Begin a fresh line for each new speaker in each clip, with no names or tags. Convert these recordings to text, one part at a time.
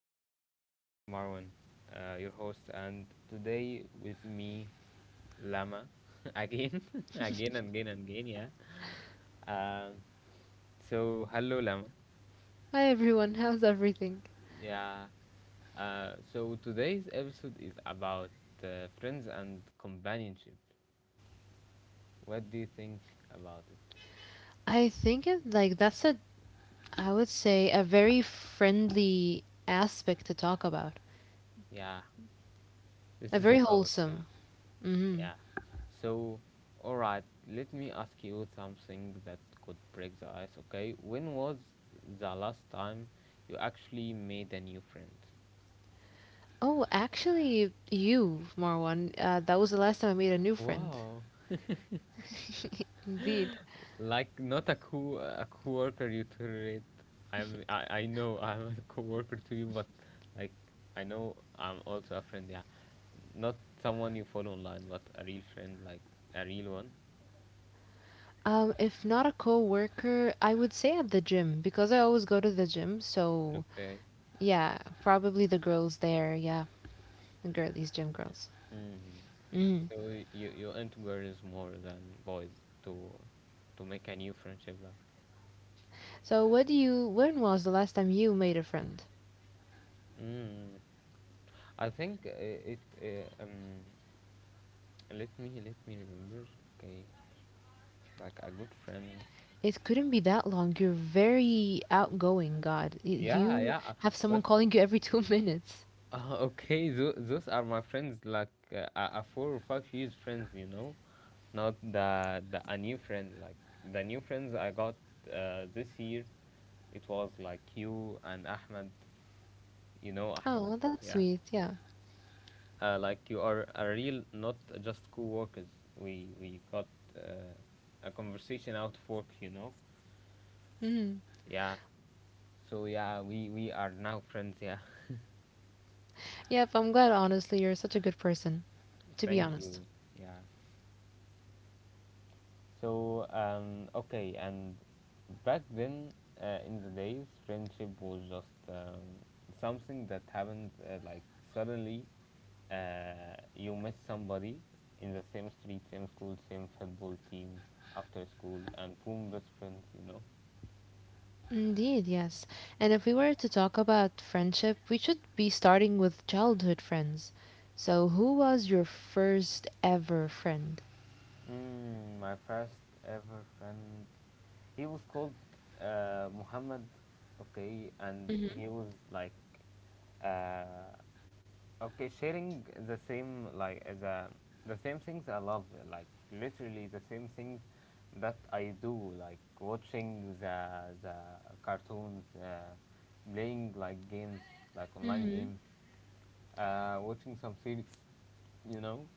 me as always, Marwan, your host, and today with me, Lama, again, again and again and again, yeah. Um, so hello, Lama.
Hi everyone, how's everything?
Yeah. So today's episode is about friends and companionship. What do you think about it?
I think it, like that's a I would say a very friendly aspect to talk about.
Yeah, this
A
is a
very
topic.
wholesome.
Yeah.
hmm
Yeah. So, all right, let me ask you something that could break the ice, okay? When was the last time you actually made a new friend?
Oh, actually, you, Marwan, that was the last time I made a new friend.
Wow.
Indeed.
Like not a co a coworker you tolerate. I know I'm a coworker to you, but like I know I'm also a friend, yeah. Not someone you follow online, but a real friend, like a real one.
If not a co-worker, I would say at the gym because I always go to the gym. So
Okay.
yeah, probably the girls there. Yeah, these gym girls.
Mm.
hmm
So you into girls more than boys to to make a new friendship like.
So what do you? When was the last time you made a friend?
Mm. I think it let me remember, okay, like a good friend.
It couldn't be that long. You're very outgoing, God.
Yeah,
You
yeah,
have someone
but
calling you every two minutes.
okay, those are my friends like, a 4 or 5 years friends, you know, not the a new friend, like the new friends I got this year, it was like you and Ahmed, you know Ahmed.
Oh, well, that's
Yeah,
sweet. Yeah.
like you are a real not just co-workers, we got uh, a conversation out of work, you know.
Mm-hmm.
Yeah, so yeah, we are now friends, yeah.
Yep, I'm glad, honestly. You're such a good person, to be
Thank
honest.
you. Yeah, so okay, and back then in the days friendship was just something that happens, like suddenly, you met somebody in the same street, same school, same football team after school, and boom, best friends, you know.
Indeed, yes. And if we were to talk about friendship, we should be starting with childhood friends. So, who was your first ever friend?
Mm, my first ever friend, he was called Muhammad, okay, and
Mm-hmm.
he was like, uh, okay, sharing the same like as a the same things I love, like literally the same things that I do, like watching the cartoons, playing like games, like online
hmm
games, watching some series, you know.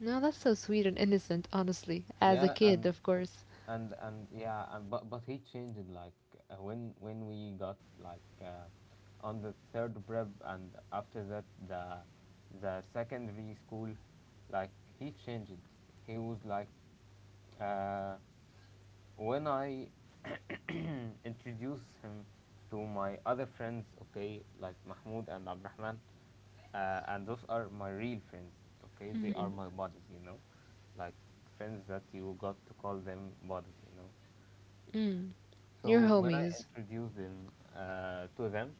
No, that's so sweet and innocent, honestly. As a
Yeah,
kid,
and
of course.
and and yeah, and but he changed it, like when we got like, on the third prep, and after that the secondary school, like he changed it. He was like uh, when I introduce him to my other friends, okay, like Mahmoud and Abrahman, and those are my real friends, okay, they are my buddies, you know, like friends that you got to call them buddies, you know.
Mm-hmm. Your
So when I
homies.
introduced him to them,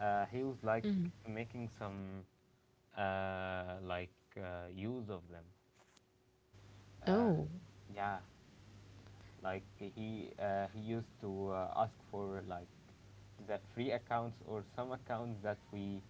he was like
Mm.
making some uh, like use of them. Uh,
Oh.
yeah, like he used to ask for like the free accounts or some accounts that we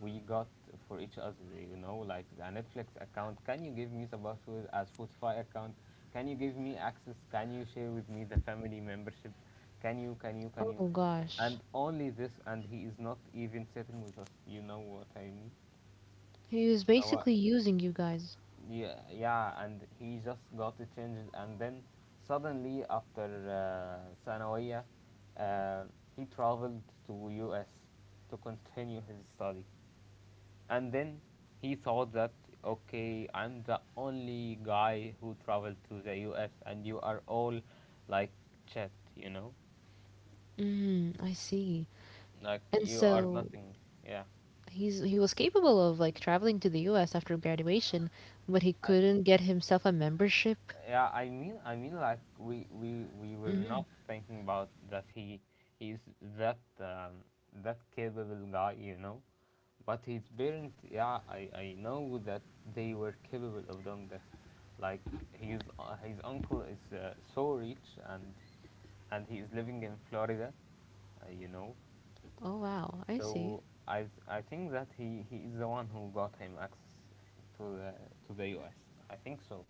we got for each other. You know, like the Netflix account. Can you give me the password? A Spotify account. Can you give me access? Can you share with me the family membership? Can you? Can you? Can you?
Oh gosh.
And only this, and he is not even sitting with us. You know what I mean?
He was
So,
basically using you guys.
yeah, yeah, and he just got it changed, and then suddenly after ثانوية, uh, he traveled to US to continue his study, and then he thought that, okay, I'm the only guy who traveled to the US, and you are all like chat, you know,
Mm, I see.
like
And
you are
so
nothing. Yeah,
he's he was capable of like traveling to the US after graduation, but he
I,
couldn't get himself a membership.
yeah, I mean like we were
Mm-hmm.
not thinking about that he he's that that capable guy, you know, but his parents, yeah, I know that they were capable of doing that, like his uncle is so rich, and he is living in Florida, you know.
Oh wow, I see.
So I I think that he is the one who got him access to the to the U.S. I think so,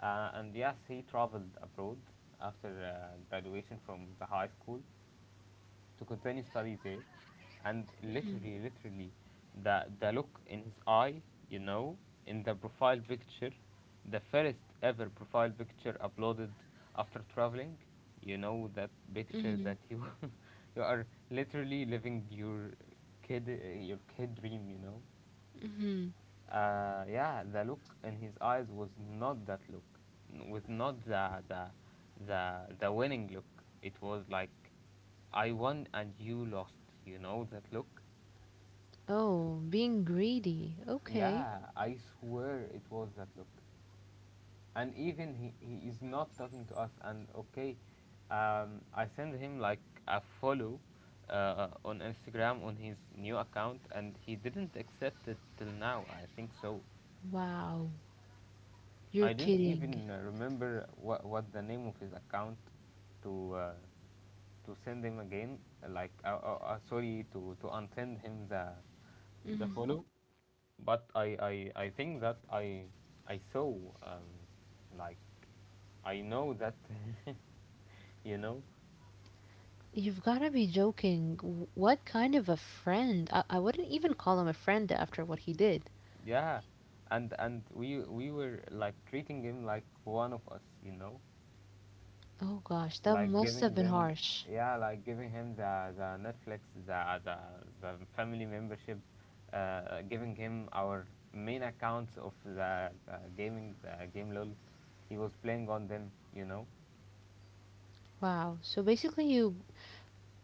and yes, he traveled abroad after graduation from the high school to continue studies there, and literally, literally, the look in his eye, you know, in the profile picture, the first ever profile picture uploaded after traveling, you know that picture
Mm-hmm.
that you you are literally living kid your kid dream, you know.
Mm-hmm.
Yeah, the look in his eyes was not that look, with not the winning look. It was like, I won and you lost. You know that look?
Oh, being greedy. Okay.
Yeah, I swear it was that look. And even he is not talking to us. And okay, I send him like a follow on Instagram on his new account, and he didn't accept it till now. I think so.
Wow. You're
I didn't
kidding.
even remember what the name of his account to uh, to send him again. Like sorry to unsend him the
mm
follow. But I think that I saw, um like I know that you know.
You've got to be joking. What kind of a friend? I wouldn't even call him a friend after what he did.
Yeah, and we were like treating him like one of us, you know,
Oh gosh, that
like
must have
giving
been
them,
harsh.
yeah, like giving him the Netflix the family membership, giving him our main accounts of the gaming the game lol he was playing on them, you know.
Wow. So basically you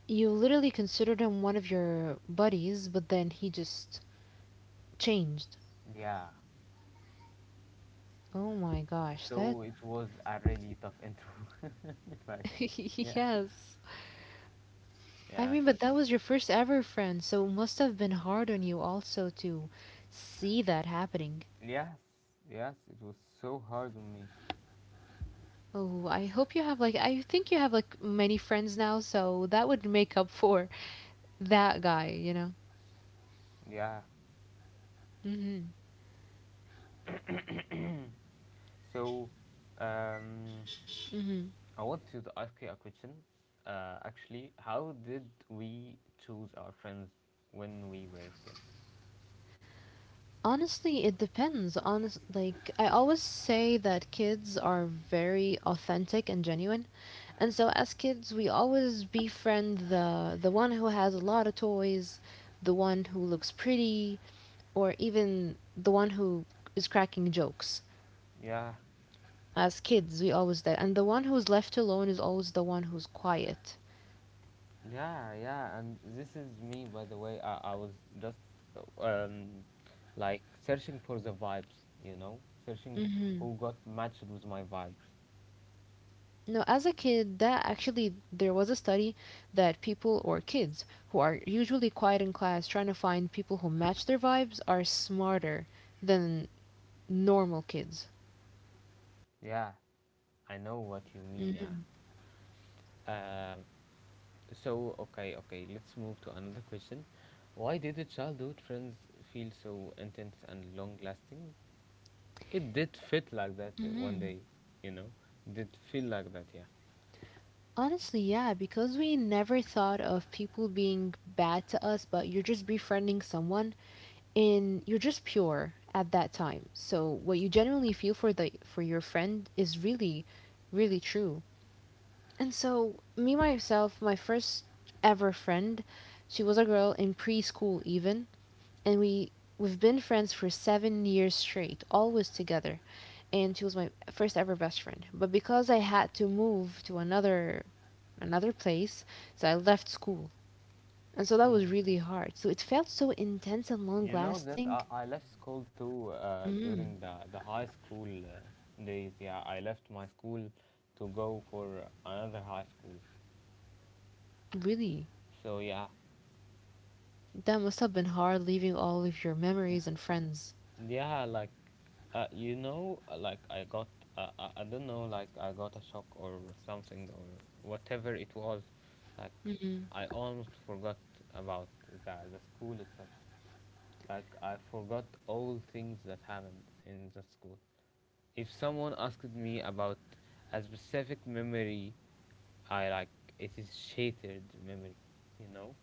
you literally considered him one of your buddies, but then he just changed.
Yeah,
Oh my gosh. That
so it was a really tough intro like yeah.
yes. I
Yeah,
mean, but that was your first ever friend, so it must have been hard on you also to see that happening.
yes, yes, it was so hard on me.
Oh, I hope you have like I think you have like many friends now, so that would make up for that guy, you know.
Yeah, so um
hmm
I want to ask you a question. Actually, how did we choose our friends when we were kids?
Honestly, it depends. Honest, like I always say that kids are very authentic and genuine. And so as kids, we always befriend the one who has a lot of toys, the one who looks pretty, or even the one who is cracking jokes.
Yeah,
As kids, we always that, and the one who's left alone is always the one who's quiet.
yeah, yeah. And this is me, by the way. I was just uh, um, like searching for the vibes, you know, searching
hmm
who got matched with my vibes.
No, as a kid, that actually there was a study that people or kids who are usually quiet in class trying to find people who match their vibes are smarter than normal kids.
Yeah, I know what you mean. Yeah. Um. So okay, okay. Let's move to another question. Why did the childhood friends feel so intense and long-lasting? It did fit like that one day, you know. Did feel like that, yeah.
Honestly, yeah, because we never thought of people being bad to us, but you're just befriending someone and you're just pure at that time. So what you genuinely feel for the for your friend is really really true. And so me myself, my first ever friend, she was a girl in preschool even, and we've been friends for 7 years straight, always together. And she was my first ever best friend. But because I had to move to another place. So I left school. And so that was
Mm.
really hard. So it felt so intense and long
You know that
lasting.
I left school too
Mm,
during the high school days. Yeah, I left my school to go for another high school.
really.
So yeah,
That must have been hard leaving all of your memories and friends.
yeah, like you know, like I got I don't know, like I got a shock or something, or whatever it was. Like
hmm
I almost forgot about the school itself. Like I forgot all things that happened in that school. If someone asked me about a specific memory, I like it is shattered memory, you know,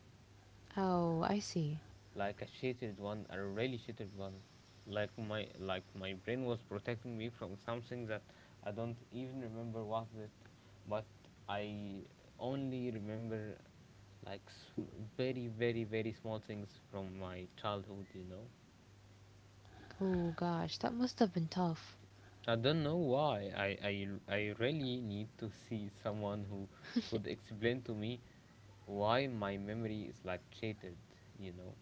Oh, I see.
like a shattered one, a really shattered one. Like my brain was protecting me from something that I don't even remember what it, but I only remember like very very very small things from my childhood, you know.
Oh gosh, that must have been tough.
I don't know why. I really need to see someone who could explain to me why my memory is like shattered, you know?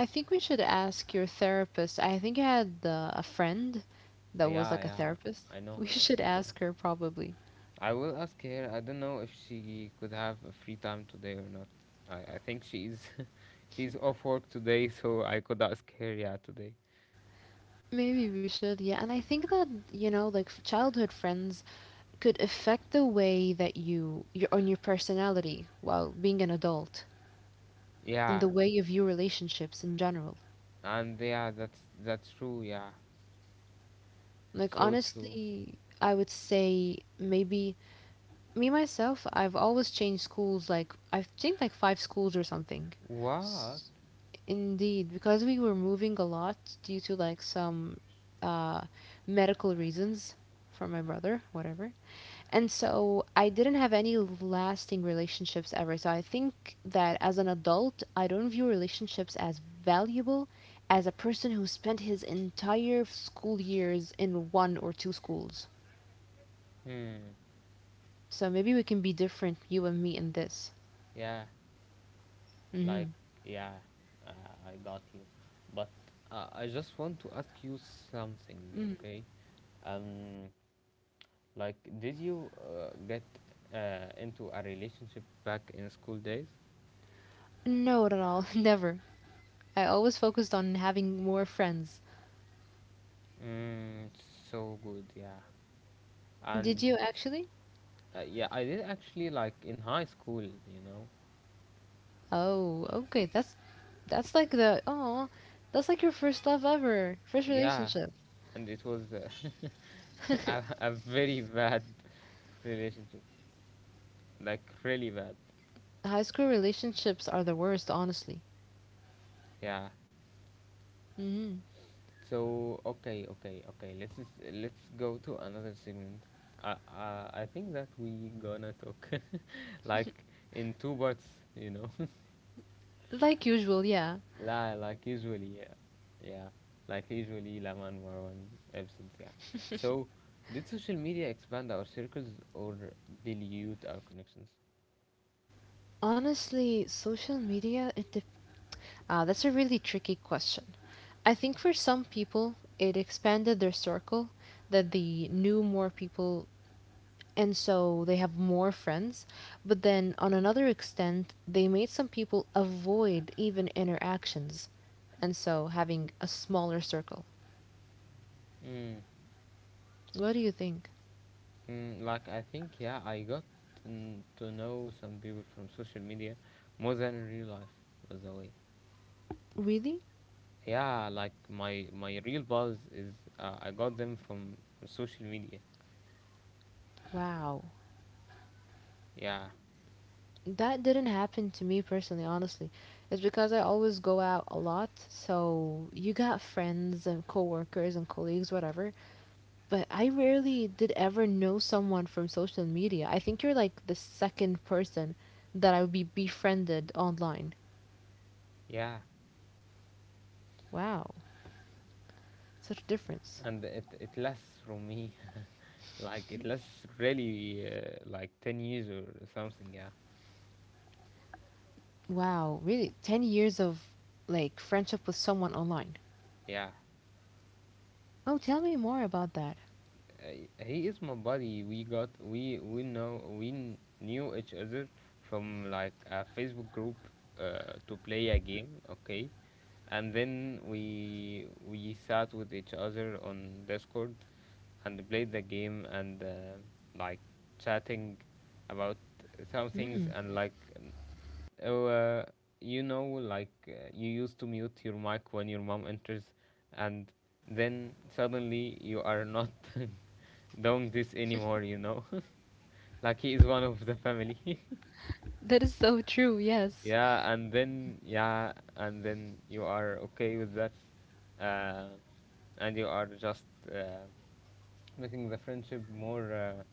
I think we should ask your therapist. I think I had a friend that was
Yeah,
like a
yeah,
therapist.
I know
We
her.
should ask her probably.
I will ask her. I don't know if she could have a free time today or not. I think she's she's off work today, so I could ask her, yeah, today.
Maybe we should, yeah. And I think that, you know, like childhood friends could affect the way that your on your personality while being an adult and
Yeah,
the way you view relationships in general
and yeah, that's true, yeah.
like
So true.
honestly I would say maybe me myself I've always changed schools like I've changed like five schools or something. S-
What?
Indeed, because we were moving a lot due to like some uh medical reasons for my brother whatever. And so I didn't have any lasting relationships ever. So I think that as an adult, I don't view relationships as valuable as a person who spent his entire school years in one or two schools.
Hmm.
So maybe we can be different, you and me, in this.
Yeah. Like,
hmm
yeah, I got you. But I just want to ask you something, okay? Um, like, did you get into a relationship back in school days?
No, not at all. Never. I always focused on having more friends.
Mm, so good, yeah.
Did
And
you actually?
yeah, I did actually like in high school, you know.
Oh, okay. That's like the oh, that's like your first love ever, first
Yeah,
relationship.
and it was a very bad relationship, like really bad.
High school relationships are the worst, honestly.
Yeah.
hmm
So okay, okay, okay. Let's just, let's go to another segment. I think that we gonna talk like in two parts, you know.
Like usual, yeah.
La like usually, yeah, yeah. Like usually, Laman Marwan episodes, yeah. So, did social media expand our circles or dilute our connections?
Honestly, social media, it dep ah, that's a really tricky question. I think for some people, it expanded their circle, that they knew more people, and so they have more friends. But then, on another extent, they made some people avoid even interactions, and so having a smaller circle.
Mm,
What do you think?
like I think, yeah, I got to know some people from social media more than in real life, by the way.
Really?
Yeah, like my real buzz is I got them from social media.
Wow.
Yeah,
That didn't happen to me personally, honestly. It's because I always go out a lot, so you got friends and coworkers and colleagues, whatever. But I rarely did ever know someone from social media. I think you're like the second person that I would be befriended online.
yeah,
Wow, such a difference.
and it lasts from me like it lasts really like 10 years or something. Yeah,
Wow, really? 10 years of like friendship with someone online.
yeah.
Oh, tell me more about that.
He is my buddy. We know we knew each other from like a Facebook group to play a game. Okay, and then we sat with each other on Discord and played the game and like chatting about some things.
Mm,
And like oh, uh, you know, like you used to mute your mic when your mom enters, and then suddenly you are not doing this anymore, you know, like he is one of the family.
that is so true, yes.
yeah, and then yeah, and then you are okay with that, uh, and you are just uh, making the friendship more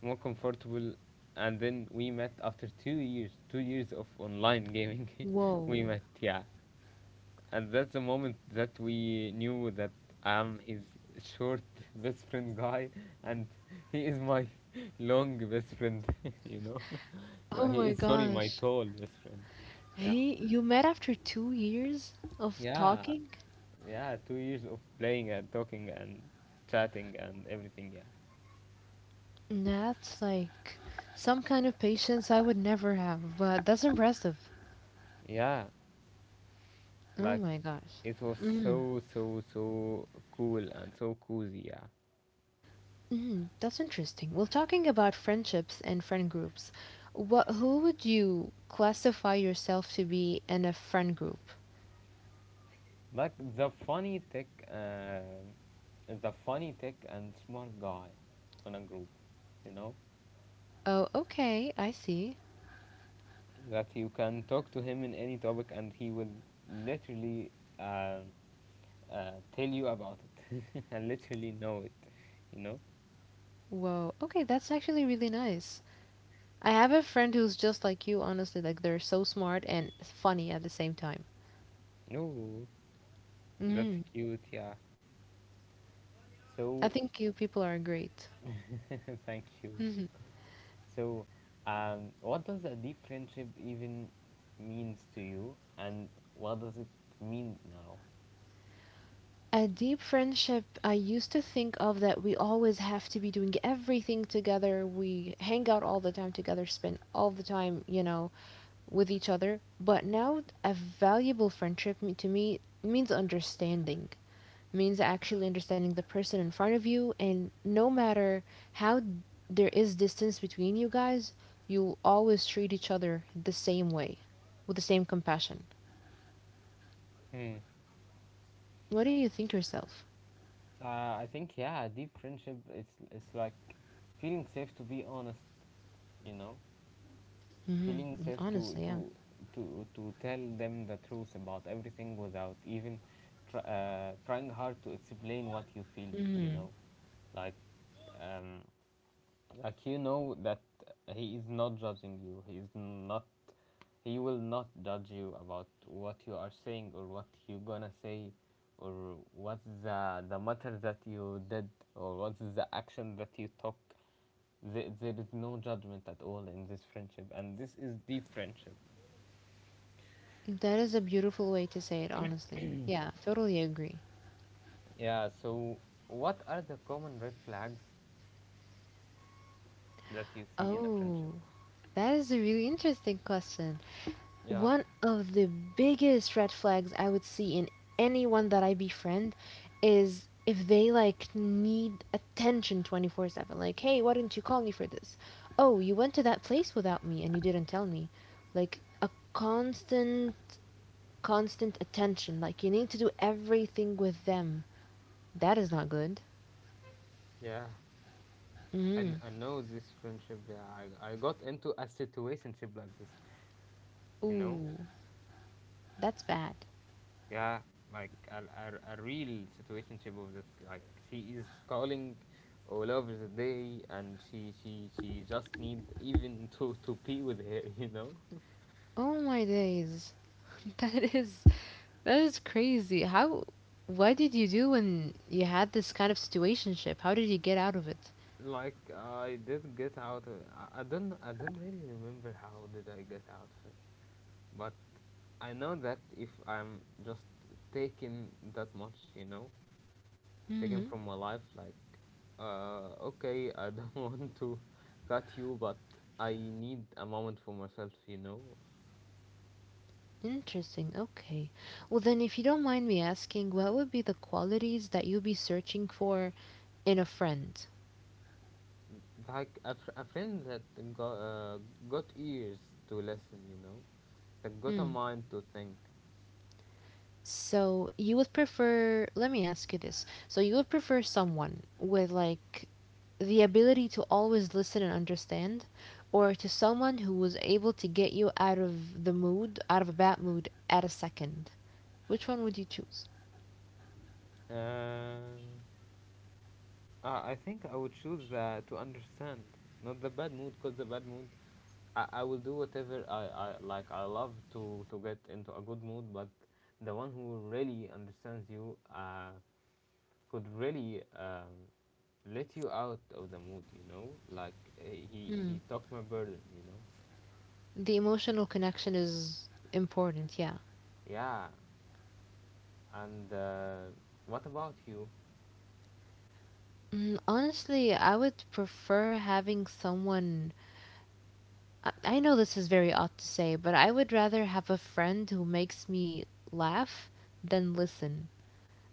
more comfortable. And then we met after 2 years, 2 years of online gaming. we
Whoa.
met, yeah, and that's the moment that we knew that I'm his short best friend guy, and he is my long best friend, you know.
Oh
he
my
is, sorry, my
gosh.
tall best friend. Yeah.
Hey, you met after 2 years of
Yeah,
talking?
yeah, 2 years of playing and talking and chatting and everything, yeah.
That's like some kind of patience I would never have, but that's impressive.
Yeah,
Oh
like
my gosh.
it was
Mm,
so, so, so cool and so cozy, yeah.
mm, that's interesting. Well, talking about friendships and friend groups, what who would you classify yourself to be in a friend group?
Like the funny tech and smart guy on a group, you know,
Oh, okay, I see.
that you can talk to him in any topic and he will literally uh, tell you about it and literally know it, you know.
Whoa, okay, that's actually really nice. I have a friend who's just like you, honestly, like they're so smart and funny at the same time.
No, that's
Mhm.
cute, yeah.
I
So,
think you people are great.
thank you.
hmm
So, what does a deep friendship even means to you, and what does it mean now?
A deep friendship, I used to think of that we always have to be doing everything together. We hang out all the time together, spend all the time, you know, with each other. But now, a valuable friendship to me means understanding, means actually understanding the person in front of you. And no matter how there is distance between you guys, you'll always treat each other the same way, with the same compassion.
Hmm.
What do you think yourself?
I think yeah, deep friendship it's like feeling safe to be honest. You know,
hmm
feeling safe to
Honestly,
to
yeah.
to to tell them the truth about everything without even trying hard to explain what you feel. You know, like um, like you know that he is not judging you. He is not. He will not judge you about what you are saying or what you gonna say, or what's the matter that you did, or what's the action that you took. There is no judgment at all in this friendship, and this is deep friendship.
That is a beautiful way to say it, honestly. Yeah, totally agree.
Yeah. So, what are the common red flags that you see in a friendship?
Oh, that is a really interesting question.
Yeah.
One of the biggest red flags I would see in anyone that I befriend is if they like need attention 24/7. Like, "Hey, why didn't you call me for this?" "Oh, you went to that place without me and you didn't tell me." Like a constant attention. Like you need to do everything with them. That is not good.
Yeah, and
Mm.
I know this friendship. Yeah, I got into a situationship like this. You know,
Ooh, that's bad.
yeah, like a, a real situationship of this. Like she is calling Olaf the day, and she just need even to pee with her, you know.
Oh my days. That is that is crazy. How what did you do when you had this kind of situationship? How did you get out of it?
like I did get out of, I don't I don't really remember how did I get out of it, but I know that if I'm just taking that much, you know,
hmm
taken from my life. Like okay, I don't want to cut you, but I need a moment for myself, you know.
Interesting. Okay. Well then if you don't mind me asking, what would be the qualities that you'd be searching for in a friend?
Like a, a friend that got, uh, got ears to listen, you know, that got a
Hmm.
mind to think.
So you would prefer let me ask you this. So you would prefer someone with like the ability to always listen and understand, or to someone who was able to get you out of the mood, out of a bad mood, at a second? Which one would you choose?
um, I think I would choose the, to understand, not the bad mood, because the bad mood, I will do whatever I like. I love to get into a good mood, but the one who really understands you, could really let you out of the mood, you know. Like he took my burden, you know.
The emotional connection is important, yeah.
Yeah, and what about you?
Mm, honestly, I would prefer having someone. I know this is very odd to say, but I would rather have a friend who makes me laugh than listen.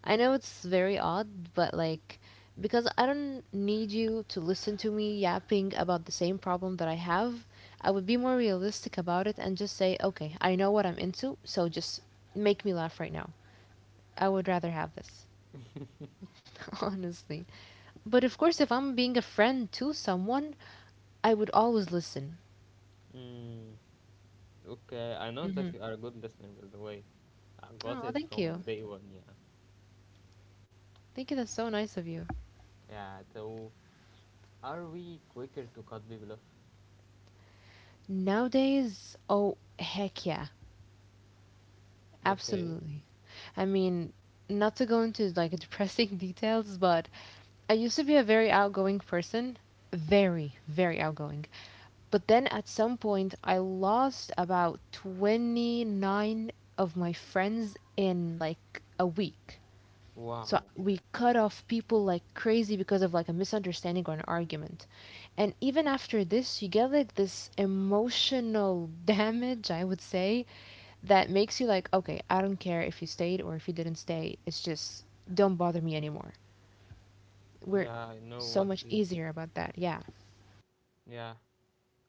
I know it's very odd, but like, because I don't need you to listen to me yapping about the same problem that I have, I would be more realistic about it and just say, okay, I know what I'm into, so just make me laugh right now. I would rather have this, honestly. But of course, if I'm being a friend to someone, I would always listen.
Mm, okay, I know
hmm
that you are a good listener, by the way. I got
Oh,
it
thank
from
you.
day one, yeah.
Thank you. That's so nice of you.
Yeah. So, are we quicker to cut people off?
Nowadays, oh, heck yeah.
Okay.
Absolutely. I mean, not to go into like depressing details, but I used to be a very outgoing person, very outgoing. But then at some point, I lost about 29 of my friends in like a week. So
Wow.
we cut off people like crazy because of like a misunderstanding or an argument. And even after this, you get like this emotional damage, I would say, that makes you like, okay, I don't care if you stayed or if you didn't stay. It's just don't bother me anymore. We're
Yeah, I know
so
what
much
you.
easier about that. Yeah.
Yeah,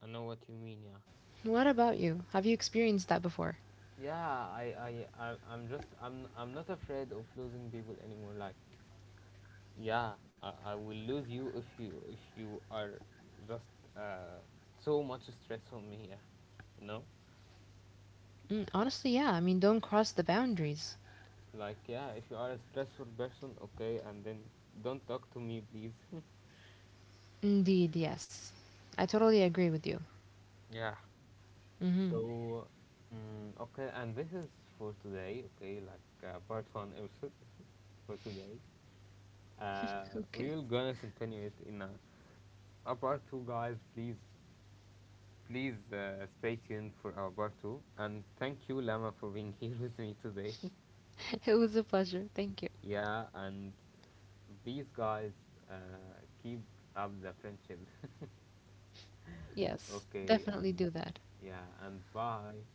I know what you mean. Yeah.
What about you? Have you experienced that before?
Yeah, I, I'm just, I'm not afraid of losing people anymore. Like, yeah, I will lose you if you are just uh, so much stress on me. Yeah, you know,
Mm, honestly, yeah. I mean, don't cross the boundaries.
like yeah, if you are a stressful person, okay, and then don't talk to me, please.
Indeed, yes. I totally agree with you.
yeah.
hmm
So, mm, okay, and this is for today. Okay, like part one episode for today. Uh, we
Okay.
will gonna continue it in a part two, guys. Please, please stay tuned for our part two. And thank you, Lama, for being here with me today.
It was a pleasure. Thank you.
Yeah, and these guys, keep up the friendship.
Yes,
okay,
definitely
and
do that.
yeah, and bye.